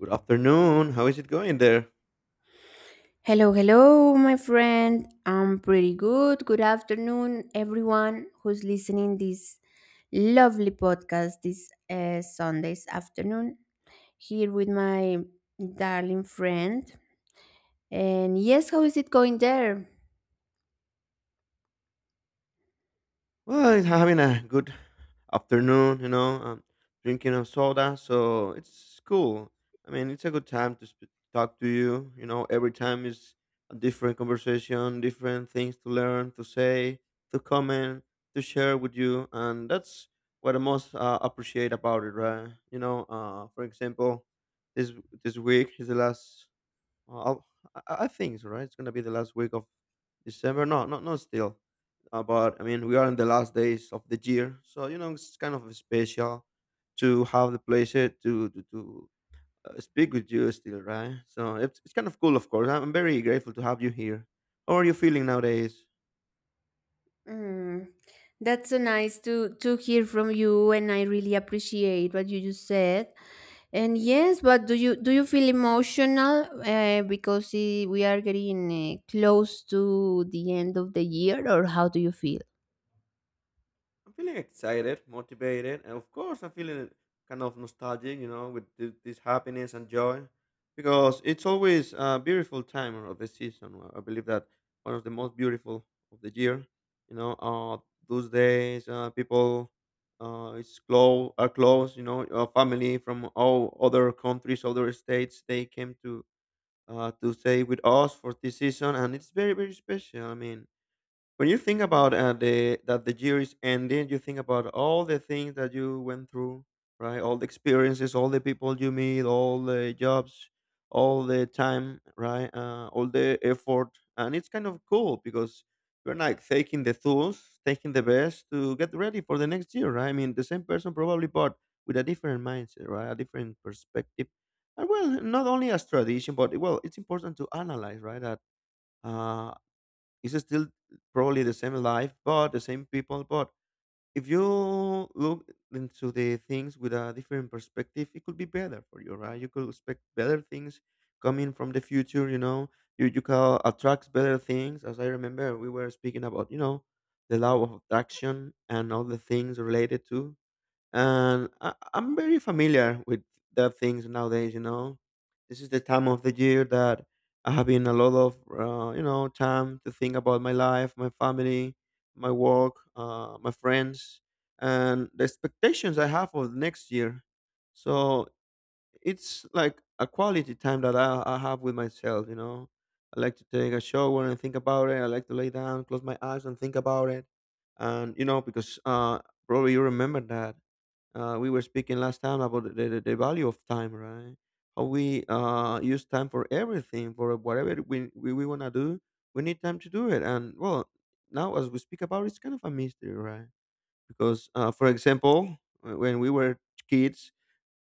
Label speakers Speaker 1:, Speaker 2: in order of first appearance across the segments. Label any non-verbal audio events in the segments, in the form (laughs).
Speaker 1: Good afternoon. How is it going there?
Speaker 2: Hello, hello, my friend. I'm pretty good. Good afternoon, everyone who's listening this lovely podcast this Sunday's afternoon. Here with my darling friend. And yes, how is it going there?
Speaker 1: Well, it's having a good afternoon, you know, drinking a soda, so it's cool. I mean, it's a good time to talk to you. You know, every time is a different conversation, different things to learn, to say, to comment, to share with you, and that's what I most appreciate about it, right? You know, for example, this this week is the last. Uh, I'll- I think so, right? It's gonna be the last week of December. No, not still. But I mean, we are in the last days of the year, so you know it's kind of special to have the pleasure to speak with you still, right? So it's kind of cool, of course. I'm very grateful to have you here. How are you feeling nowadays?
Speaker 2: Mm, that's so nice to hear from you, and I really appreciate what you just said. And yes, but do you feel emotional because we are getting close to the end of the year, or how do you feel?
Speaker 1: I'm feeling excited, motivated, and of course, I'm feeling kind of nostalgic, you know, with this happiness and joy, because it's always a beautiful time of the season. Well, I believe that one of the most beautiful of the year, you know, those days, people, are close, you know, family from all other countries, other states, they came to stay with us for this season, and it's very, very special. I mean, when you think about the that the year is ending, you think about all the things that you went through, right? All the experiences, all the people you meet, all the jobs, all the time, right? All the effort, and it's kind of cool because you're like taking the tools, taking the best to get ready for the next year, right? I mean, the same person probably, but with a different mindset, right? A different perspective, and well, not only as tradition, but well, it's important to analyze, right? That. Uh, it's still probably the same life, but the same people. But if you look into the things with a different perspective, it could be better for you, right? You could expect better things coming from the future. You know, you can attract better things. As I remember, we were speaking about you know the law of attraction and all the things related to, and I'm very familiar with the things nowadays. You know, this is the time of the year that I have been a lot of you know time to think about my life, my family, my work, my friends, and the expectations I have for next year. So it's like a quality time that I have with myself, you know. I like to take a shower and think about it. I like to lay down, close my eyes and think about it. And, you know, because probably you remember that we were speaking last time about the value of time, right? How we use time for everything, for whatever we want to do, we need time to do it. And well, now as we speak about it, it's kind of a mystery, right? Because, for example, when we were kids,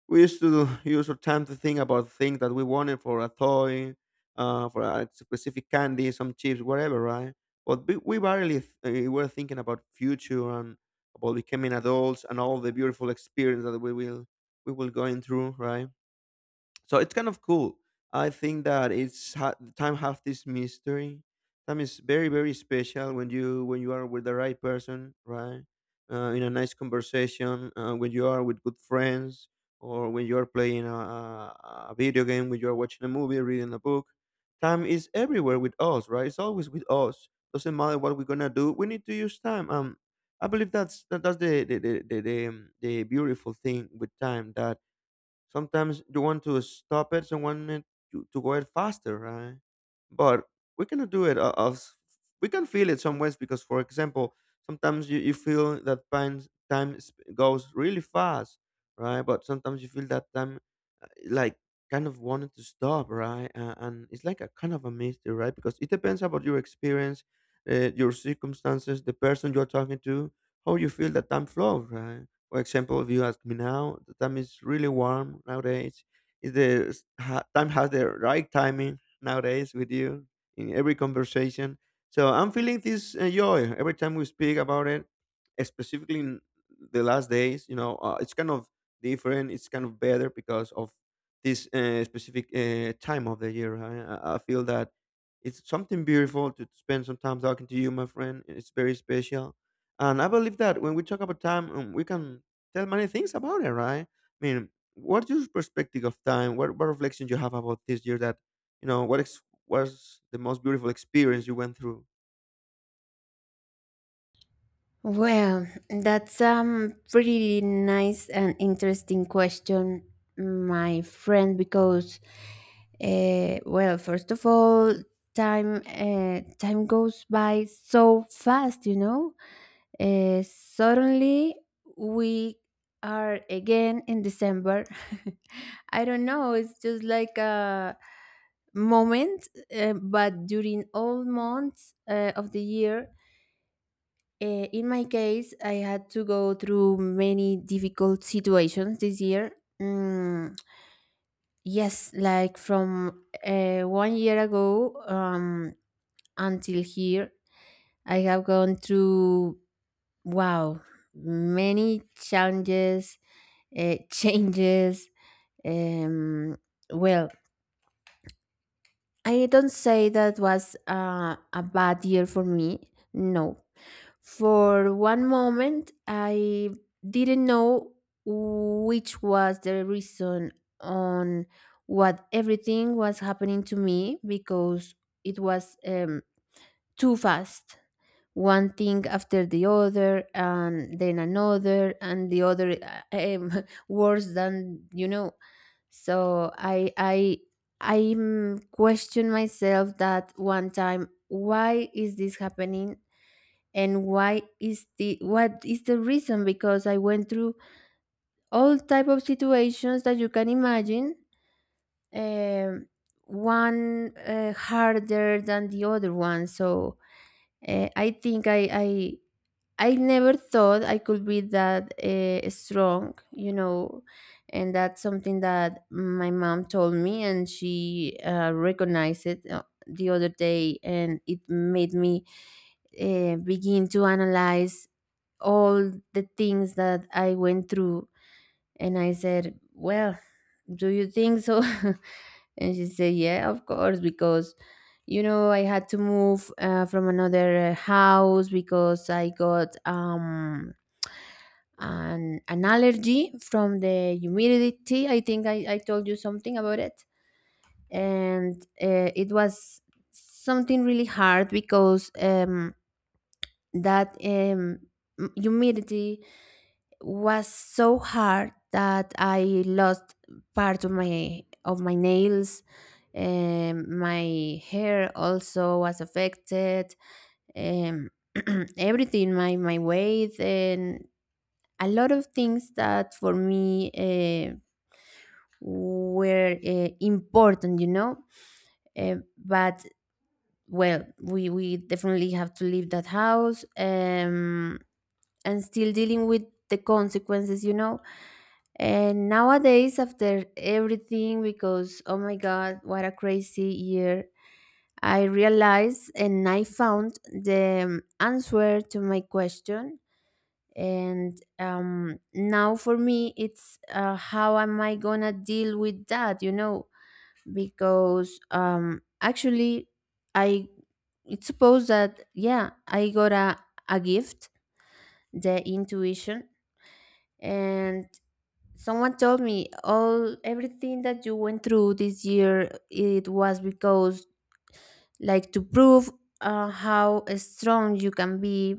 Speaker 1: we used to use our time to think about things that we wanted for a toy, for a specific candy, some chips, whatever, right? But we barely were thinking about future and about becoming adults and all the beautiful experience that we will going through, right? So it's kind of cool. I think that time have this mystery. Time is very, very special when you are with the right person, right? In a nice conversation, when you are with good friends, or when you are playing a video game, when you are watching a movie, reading a book. Time is everywhere with us, right? It's always with us. Doesn't matter what we're gonna do, we need to use time. I believe that's that, that's the beautiful thing with time, that sometimes you want to stop it, so want it to go it faster, right? But we cannot do it. Us, we can feel it some ways because, for example, sometimes you feel that time goes really fast, right? But sometimes you feel that time like kind of wanted to stop, right? And it's like a kind of a mystery, right? Because it depends about your experience, your circumstances, the person you're talking to, how you feel that time flows, right? For example, if you ask me now, the time is really warm nowadays. Is time has the right timing nowadays with you in every conversation? So I'm feeling this joy every time we speak about it, specifically in the last days. You know, it's kind of different. It's kind of better because of this specific time of the year. I feel that it's something beautiful to spend some time talking to you, my friend. It's very special, and I believe that when we talk about time, we can tell many things about it, right? I mean, what's your perspective of time? What reflections you have about this year? That you know, was the most beautiful experience you went through?
Speaker 2: Well, that's a pretty nice and interesting question, my friend, because well, first of all, time goes by so fast, you know. Suddenly we are again in December. (laughs) I don't know, it's just like a moment, but during all months of the year in my case, I had to go through many difficult situations this year. Mm, yes, like from 1 year ago until here, I have gone through, wow, many challenges, (laughs) changes. Um, well, I don't say that was a bad year for me. No, for one moment, I didn't know which was the reason on what everything was happening to me because it was too fast. One thing after the other, and then another, and the other uh, um, (laughs) worse than you know. So I question myself that one time. Why is this happening? And why is the what is the reason because I went through all type of situations that you can imagine, um, one harder than the other one. So I think I, I never thought I could be that strong, you know. And that's something that my mom told me, and she recognized it the other day, and it made me begin to analyze all the things that I went through. And I said, "Well, do you think so?" (laughs) And she said, "Yeah, of course, because, you know, I had to move from another house because I got an allergy from the humidity." I think I told you something about it. And it was something really hard because that um, humidity was so hard that I lost part of my nails. My hair also was affected. Um, (clears throat) everything, my weight, and a lot of things that for me were important, you know. But well, we definitely have to leave that house. And still dealing with the consequences, you know. And nowadays, after everything, because oh my god, what a crazy year, I realized and I found the answer to my question. And now for me, it's how am I gonna deal with that, you know? Because actually, I it's supposed that yeah, I got a gift, the intuition, and someone told me all everything that you went through this year it was because like to prove how strong you can be.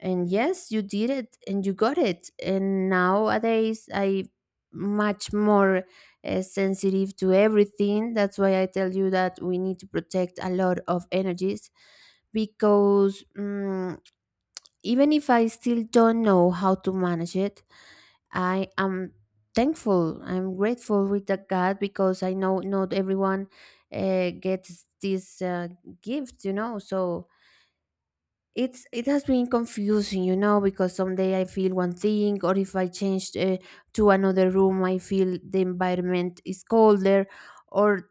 Speaker 2: And yes, you did it and you got it, and nowadays I much more sensitive to everything. That's why I tell you that we need to protect a lot of energies because mm even if I still don't know how to manage it, I am thankful. I'm grateful with the God because I know not everyone gets this gift, you know. So it's it has been confusing, you know, because someday I feel one thing, or if I change to another room, I feel the environment is colder. Or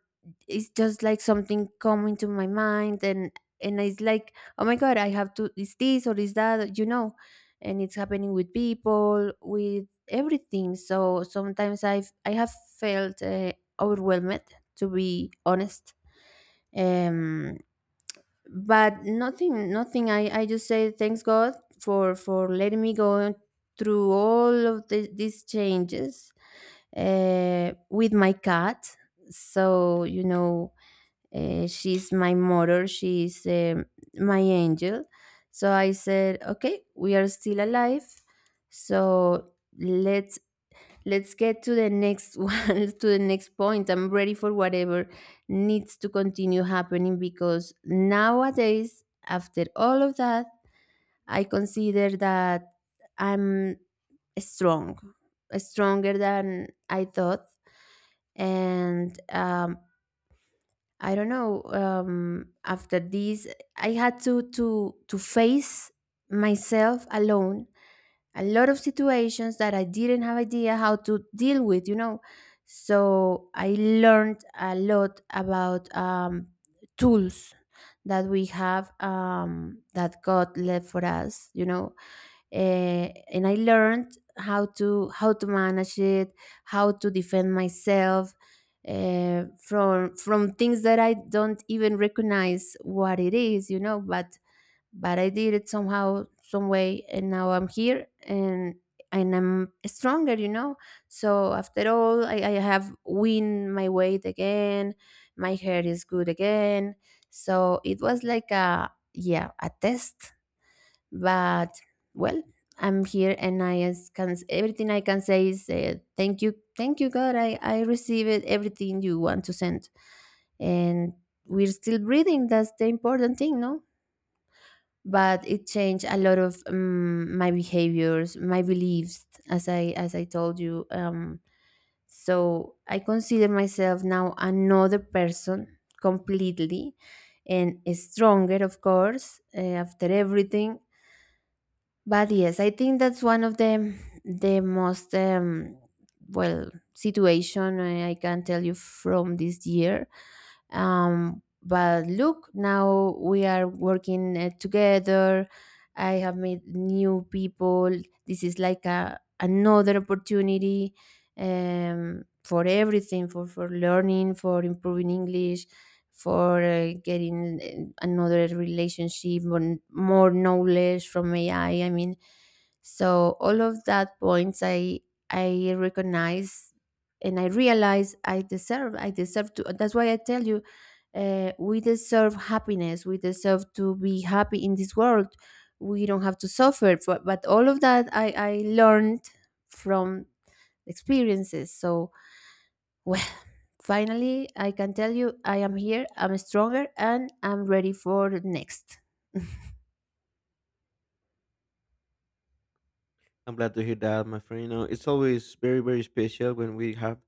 Speaker 2: it's just like something come into my mind, and it's like, oh my god, I have to is this or is that, you know. And it's happening with people, with everything. So sometimes I've I have felt overwhelmed, to be honest. Um, but nothing, nothing, I I just say thanks god for letting me go through all of the, these changes with my cat. So you know she's my mother, she's my angel. So I said, okay, we are still alive, so let's Let's get to the next (laughs) one, to the next point. I'm ready for whatever needs to continue happening because nowadays, after all of that, I consider that I'm strong, stronger than I thought. And I don't know, after this, I had to, to face myself alone a lot of situations that I didn't have idea how to deal with, you know. So I learned a lot about tools that we have that God left for us, you know. Eh, and I learned how to manage it, how to defend myself from things that I don't even recognize what it is, you know, but I did it somehow, some way, and now I'm here and I'm stronger, you know. So after all, I have win my weight again. My hair is good again. So it was like a yeah a test, but well, I'm here, and I is- can everything I can say is thank you God. I received everything you want to send, and we're still breathing. That's the important thing, no? But it changed a lot of my behaviors, my beliefs, as I as I told you. Um, so I consider myself now another person completely, and stronger of course after everything. But yes, I think that's one of the most well, situation I can tell you from this year. But look, now we are working together. I have met new people. This is like a another opportunity for everything, for learning, for improving English, for getting another relationship or more knowledge from AI. I mean, so all of that points I recognize, and I realize I deserve. I deserve to. That's why I tell you, we deserve happiness. We deserve to be happy in this world. We don't have to suffer. But all of that I learned from experiences. So well, finally, I can tell you I am here, I'm stronger, and I'm ready for the next.
Speaker 1: I'm glad to hear that, my friend. You know, it's always very, very special when we have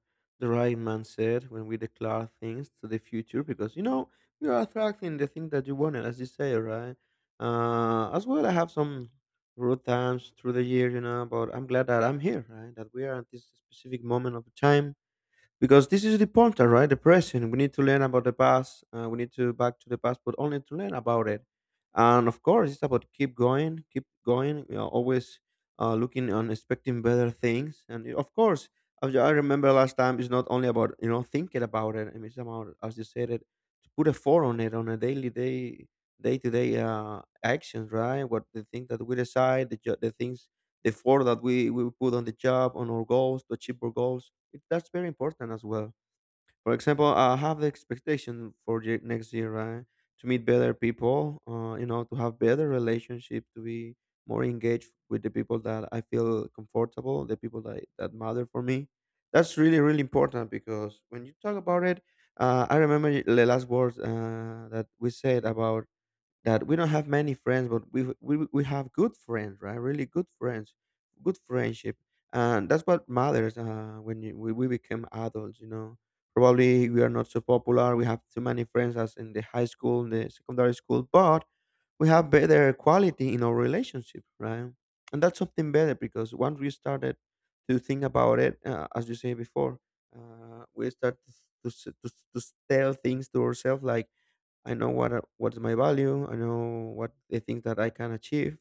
Speaker 1: the right mindset, when we declare things to the future, because you know you are attracting the thing that you wanted, as you say, right? As well, I have some rough times through the year, you know, but I'm glad that I'm here, right? That we are at this specific moment of time, because this is the point, all right? The present. We need to learn about the past. We need to back to the past, but only to learn about it. And of course, it's about keep going, keep going. You know, always looking and expecting better things. And of course, as I remember last time, it's not only about you know thinking about it. I mean, it's about as you said it, to put a effort on it on a daily day, day to day actions, right? What the things that we decide, the things, the effort that we put on the job, on our goals, to achieve our goals. It, that's very important as well. For example, I have the expectation for the next year, right? To meet better people, you know, to have better relationship, to be more engaged with the people that I feel comfortable, the people that matter for me. That's really, really important because when you talk about it, I remember the last words that we said about that we don't have many friends, but we have good friends, right? Really good friends, good friendship, and that's what matters. When you, we become adults, you know, probably we are not so popular. We have too many friends as in the high school, in the secondary school, but we have better quality in our relationship, right? And that's something better because once we started to think about it, as you say before, we start to tell things to ourselves like, I know what's my value. I know what the things that I can achieve.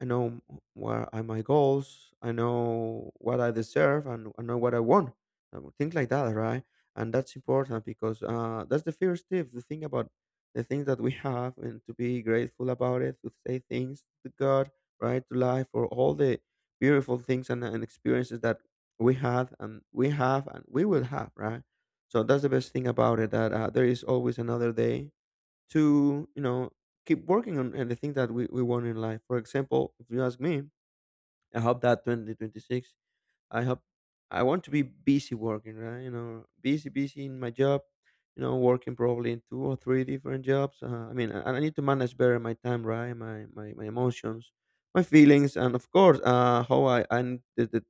Speaker 1: I know what are my goals. I know what I deserve, and I know what I want. And things like that, right? And that's important because that's the first tip. The thing about the things that we have, and to be grateful about it, to say things to God, right, to life, for all the beautiful things and experiences that we had, and we have, and we will have, right? So that's the best thing about it, that there is always another day, to you know keep working on anything that we want in life. For example, if you ask me, I hope that 2026, I hope, I want to be busy working, right? You know, busy in my job, you know, working probably in two or three different jobs. I mean, I need to manage better my time, right? My emotions, my feelings, and of course, how I need the, the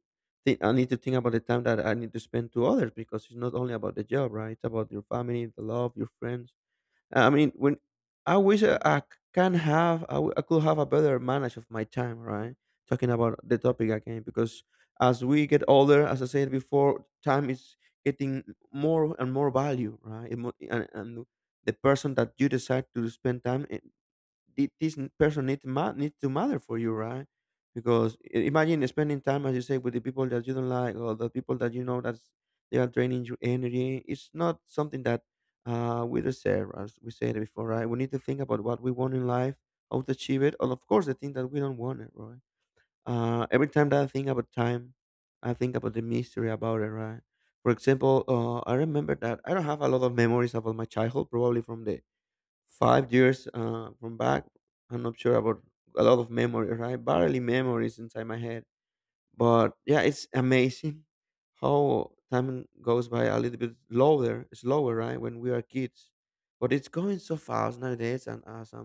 Speaker 1: thi- I need to think about the time that I need to spend to others, because it's not only about the job, right? It's about your family, the love, your friends. I mean, when I wish I can have, I could have a better manage of my time, right? Talking about the topic again, because as we get older, as I said before, time is getting more and more value, right? It mo- and the person that you decide to spend time person need to matter for you, right? Because imagine spending time, as you say, with the people that you don't like or the people that you know that they are draining your energy. It's not something that we deserve, as we said before, right? We need to think about what we want in life, how to achieve it, and of course, the thing that we don't want it, right? Every time that I think about time, I think about the mystery about it, right? For example, I remember that I don't have a lot of memories about my childhood, probably from the 5 years from back. I'm not sure about a lot of memory, right? Barely memories inside my head. But yeah, it's amazing how time goes by a little bit lower, slower, right? When we are kids, but it's going so fast nowadays. And as I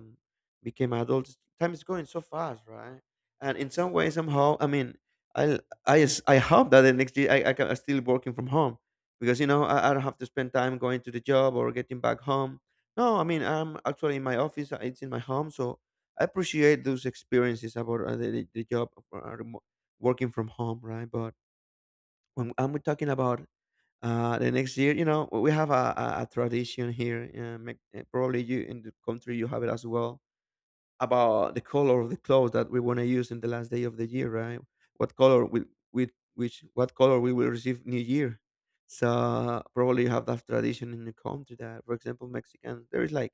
Speaker 1: became adults, time is going so fast, right? And in some way, somehow, I mean, I I hope that the next year I can I'm still working from home because you know I don't have to spend time going to the job or getting back home. No, I mean I'm actually in my office. It's in my home, so I appreciate those experiences about the, the job working from home, right? But when I'm talking about the next year, you know, we have a tradition here. Probably you in the country you have it as well about the color of the clothes that we want to use in the last day of the year, right? What color will With which what color we will receive New Year. So probably you have that tradition in the country that, for example, Mexicans, there is like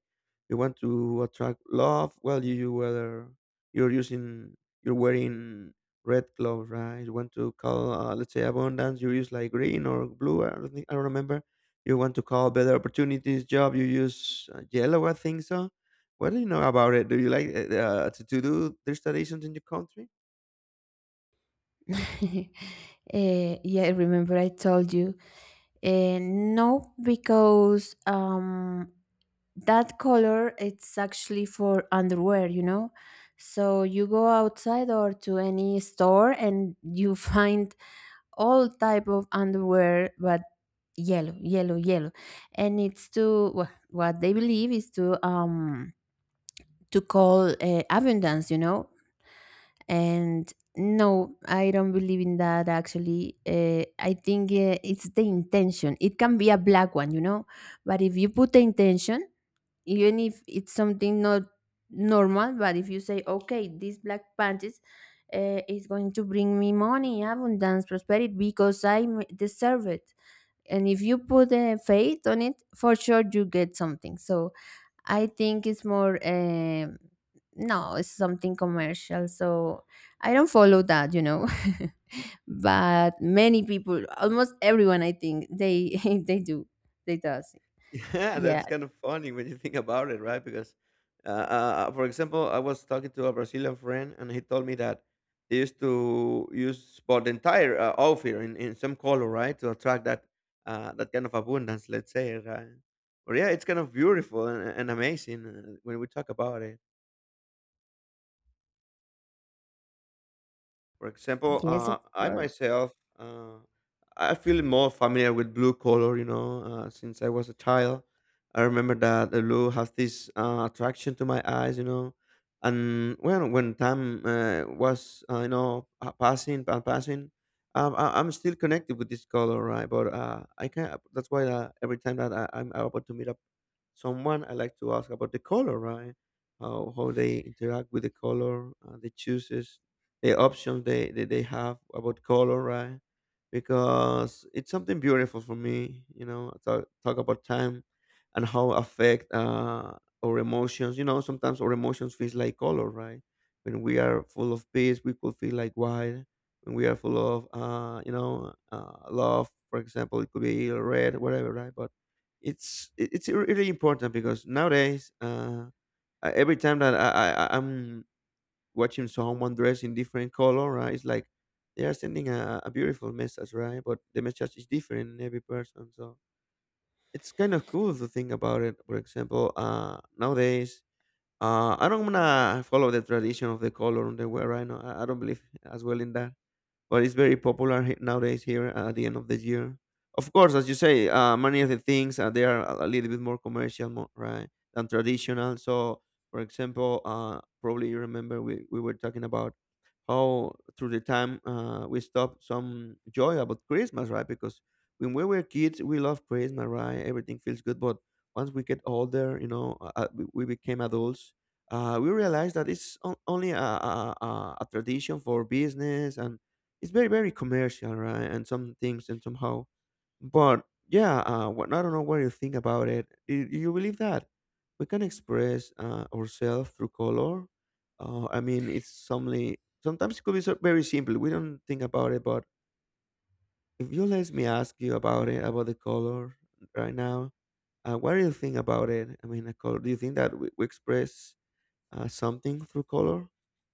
Speaker 1: you want to attract love. Well, you whether you're using you're wearing red clothes, right? You want to call, let's say, abundance. You use like green or blue. I don't remember. You want to call better opportunities, job. You use yellow, I think so what do you know about it? Do you like to do these traditions in your country? (laughs)
Speaker 2: (laughs) Eh, yeah, remember I told you. Eh, no, because that color it's actually for underwear, you know. So you go outside or to any store and you (laughs) find all type of underwear, but yellow, yellow, yellow, and it's to wha- what they believe is to call abundance, you know? And no, I don't believe in that actually. I think it's the intention. It can be a black one, you know? But if you put the intention, even if it's something not normal, but if you say, okay, this black panties is going to bring me money, abundance, prosperity because I m- deserve it. And if you put a faith on it, for sure you get something. So I think it's more no, it's something commercial. So I don't follow that, you know. (laughs) But many people, almost everyone, I think they (laughs) they do. They does.
Speaker 1: Yeah,
Speaker 2: Yeah.
Speaker 1: that's kind of funny when you think about it, right? Because, for example, I was talking to a Brazilian friend, and he told me that they used to use well, the entire outfit in some color, right, to attract that that kind of abundance, let's say, right? But yeah, it's kind of beautiful and amazing when we talk about it. For example,
Speaker 2: Yes, of
Speaker 1: I
Speaker 2: course.
Speaker 1: myself, uh, I feel more familiar with blue color, you know, since I was a child. I remember that the blue has this attraction to my eyes, you know. And when time you know, passing and passing, I'm still connected with this color, right? But I can not That's why every time that I'm about to meet up someone, I like to ask about the color, right? How they interact with the color, the choices the options they have about color, right? Because it's something beautiful for me, you know, talk about time and how affect our emotions. You know, sometimes our emotions feels like color, right? When we are full of peace, we could feel like white. When we are full of, love, for example, it could be red, whatever, right? But it's really important because nowadays, every time that I'm watching someone dressed in different color, right? It's like they are sending a beautiful message, right? But the message is different in every person. So it's kind of cool to think about it. For example, nowadays, I don't wanna follow the tradition of the color underwear right now. I don't believe (laughs) as well in that, but it's very popular nowadays here at the end of the year. Of course, as you say, many of the things they are a little bit more commercial, more, right, than traditional. So, for example, probably you remember we were talking about how through the time we stopped some joy about Christmas, right? Because when we were kids, we loved Christmas, right? Everything feels good, but once we get older, you know, we became adults. We realized that it's only a tradition for business, and it's very commercial, right? And some things, and somehow but yeah, I don't know what you think about it. Do you believe that we can express ourselves through color? I mean, it's something. Sometimes it could be so very simple. We don't think about it. But if you let me ask you about it, about the color right now, what do you think about it? I mean, a color. Do you think that we express something through color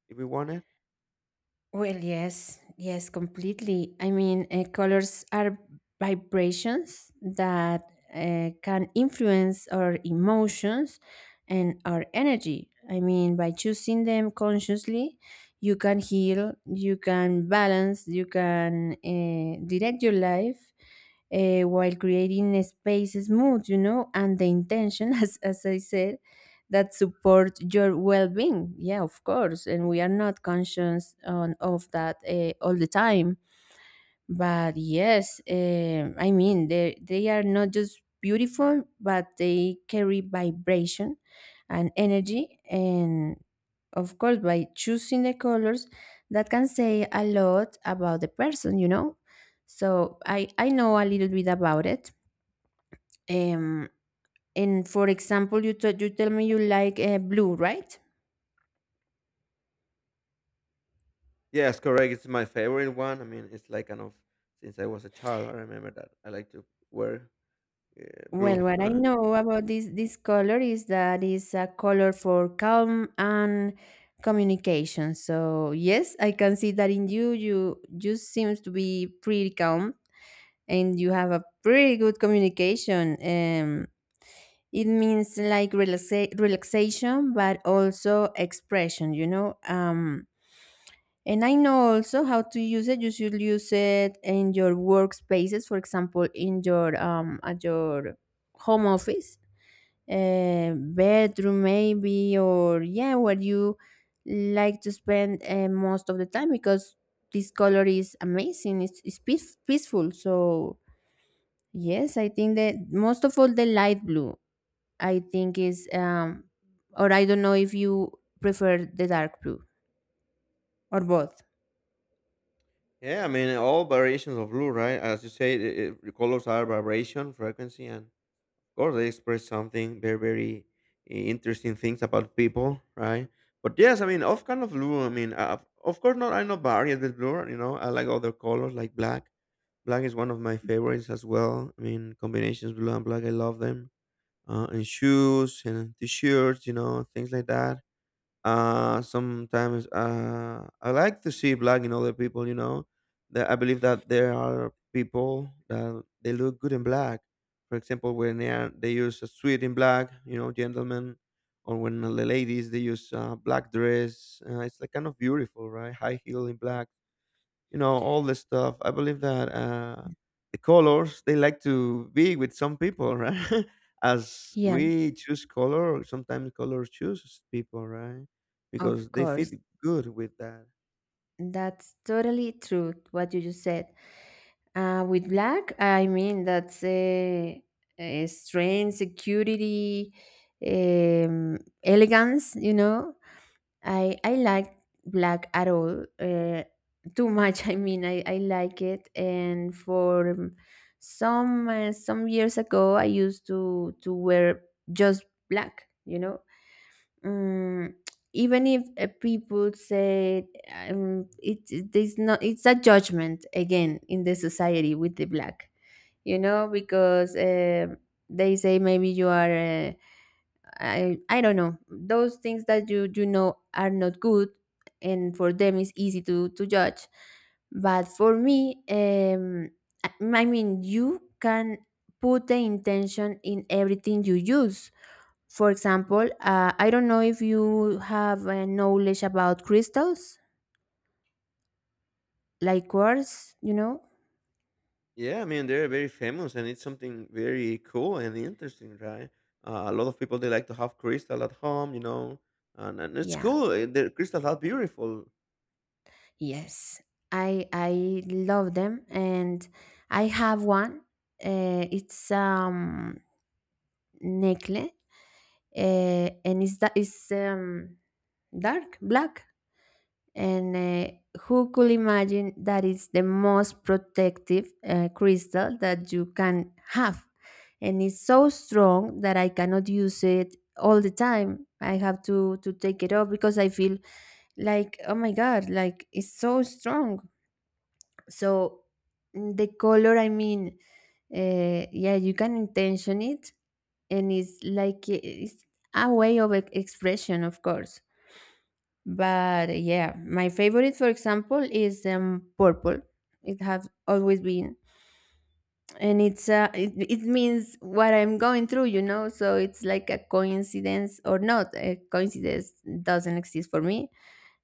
Speaker 1: if we want it?
Speaker 2: Well, yes, yes, completely. I mean, colors are vibrations that can influence our emotions and our energy. I mean, by choosing them consciously, you can heal, you can balance, you can direct your life while creating a spaces, mood, you know, and the intention, (laughs) as I said, that support your well-being. Yeah, of course, and we are not conscious on, of that all the time. But yes, um, I mean, they are not just beautiful, but they carry vibration and energy. And of course, by choosing the colors that can say a lot about the person, you know. So I know a little bit about it. Um, and for example, you t- you tell me you like blue, right?
Speaker 1: Yes, correct. It's my favorite one. I mean, it's like kind of since I was a child. I remember that I like to wear. Yeah,
Speaker 2: Well,
Speaker 1: blue.
Speaker 2: what I know about this color is that it's a color for calm and communication. So yes, I can see that in you. You seems to be pretty calm, and you have a pretty good communication. It means like relaxa- relaxation, but also expression, you know. And I know also how to use it. You should use it in your workspaces, for example, in your at your home office bedroom maybe, or yeah, where you like to spend most of the time, because this color is amazing. It's peace, peaceful. So yes, I think that most of all the light blue, I think is um, or I don't know if you prefer the dark blue, or both.
Speaker 1: Yeah, I mean all variations of blue, right? As you say, the colors are vibration, frequency, and of course they express something very interesting things about people, right? But yes, I mean, of kind of blue. I mean, of course not. I'm not varied with blue. You know, I like other colors like black. Black is one of my favorites as well. I mean, combinations blue and black, I love them. And shoes and t-shirts, you know, things like that. Sometimes I like to see black in other people. You know, that I believe that there are people that they look good in black. For example, when they are, they use a suit in black, you know, gentlemen, or when the ladies they use a black dress. It's like kind of beautiful, right? High heel in black, you know, all this stuff I believe that the colors they like to be with some people, right? (laughs) As
Speaker 2: Yeah,
Speaker 1: we choose color, sometimes color chooses people, right? Because
Speaker 2: of
Speaker 1: they fit
Speaker 2: course.
Speaker 1: good with that.
Speaker 2: That's totally true, what you just said. With black, I mean that's a strange security, um, elegance, you know. I like black at all. Too much, (laughs) I mean, I like it. And for some years ago, I used to wear just black, you know. Mm, even if people say it, it- there's not, it's a judgment again in the society with the black, you know, because they say maybe you are, I don't know, those things that you know are not good, and for them it's easy to judge. But for me, I I mean, you can put the intention in everything you use. For example, I don't know if you have knowledge about crystals, like quartz, you know?
Speaker 1: Yeah, I mean they're very famous and it's something very cool and interesting, right? A lot of people they like to have crystal at home, you know, and it's
Speaker 2: Yeah,
Speaker 1: cool, the crystals are beautiful.
Speaker 2: yes. I love them, and I have one. It's necklace and it's that it's dark black. And who could imagine that is the most protective crystal that you can have? And it's so strong that I cannot use it all the time. I have to take it off because I feel like, oh my God, like it's so strong. So mm, the color, I mean, yeah, you can intention it. And it's like, it's a way of e- expression, of course. But yeah, my favorite, for example, is purple. It has always been, and it's it, it means what I'm going through, you know. So it's like a coincidence or not. A coincidence doesn't exist for me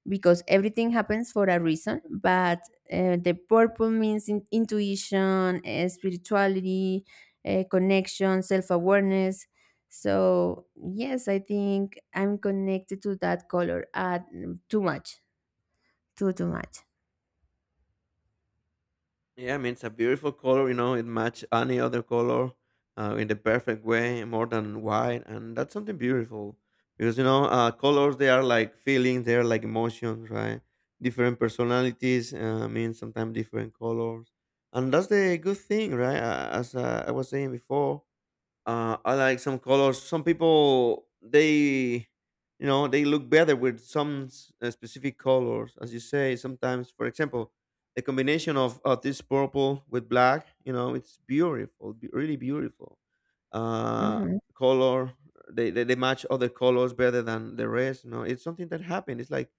Speaker 2: because everything happens for a reason. But the purple means in- intuition, spirituality, connection, self awareness. So yes, I think I'm connected to that color too much. Too, too much.
Speaker 1: Yeah, I mean it's a beautiful color. You know, it match any other color in the perfect way, more than white, and that's something beautiful because you know colors they are like feelings, they are like emotions, right? Different personalities mean sometimes different colors, and that's the good thing, right? As I was saying before, I like some colors. Some people you know, they look better with some specific colors, as you say. Sometimes, for example, the combination of this purple with black, you know, it's beautiful, really beautiful. Uh,
Speaker 2: Mhm.
Speaker 1: Color they match other colors better than the rest. You know, it's something that happened. It's like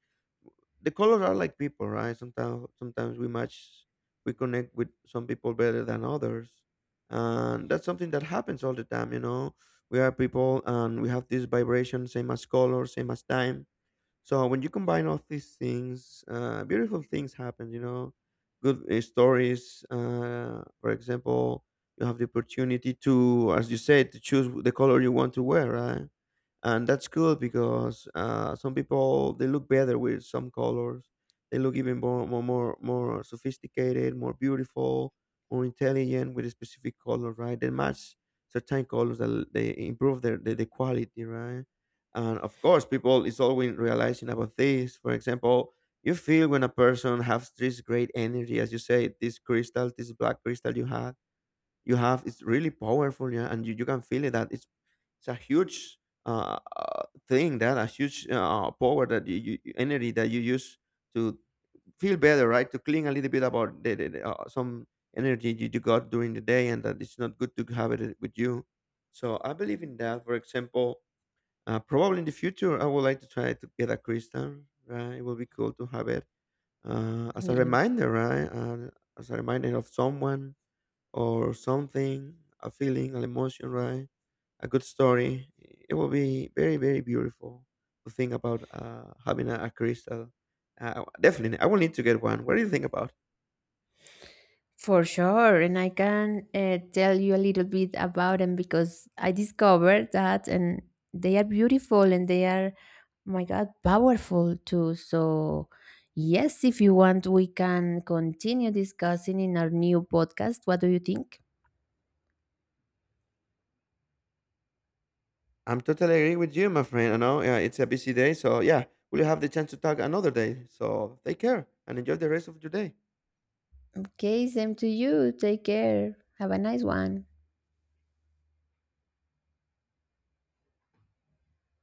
Speaker 1: the colors are like people, right? Sometimes we match, we connect with some people better than others, and that's something that happens all the time, you know, we are people and we have this vibration, same as color, same as time. So when you combine all these things, beautiful things happen. You know, good stories. For example, you have the opportunity to, as you said, to choose the color you want to wear, right? And that's cool because some people they look better with some colors. They look even more sophisticated, more beautiful, more intelligent with a specific color, right? They match certain colors that they improve their the quality, right? And of course, people is always realizing about this. For example, you feel when a person has this great energy, as you say, this crystal, this black crystal you have. It's really powerful, yeah, and you can feel it that it's a huge thing that a huge power that energy that you use to feel better, right? To clean a little bit about some energy you got during the day, and that it's not good to have it with you. So I believe in that. For example, probably in the future, I would like to try to get a crystal. Right, it will be cool to have it as a
Speaker 2: Yeah,
Speaker 1: reminder, right? As a reminder of someone or something, a feeling, an emotion, right? A good story. It will be very beautiful to think about having a crystal. Definitely, I will need to get one. What do you think about?
Speaker 2: for sure. And I can tell you a little bit about them because I discovered that, and they are beautiful, and they are, my God, powerful too. So, yes, if you want, we can continue discussing in our new podcast. What do you think?
Speaker 1: I'm totally agree with you, my friend. I know it's a busy day, so yeah, we'll have the chance to talk another day. So take care and enjoy the rest of your day.
Speaker 2: Okay, same to you. Take care. Have a nice one.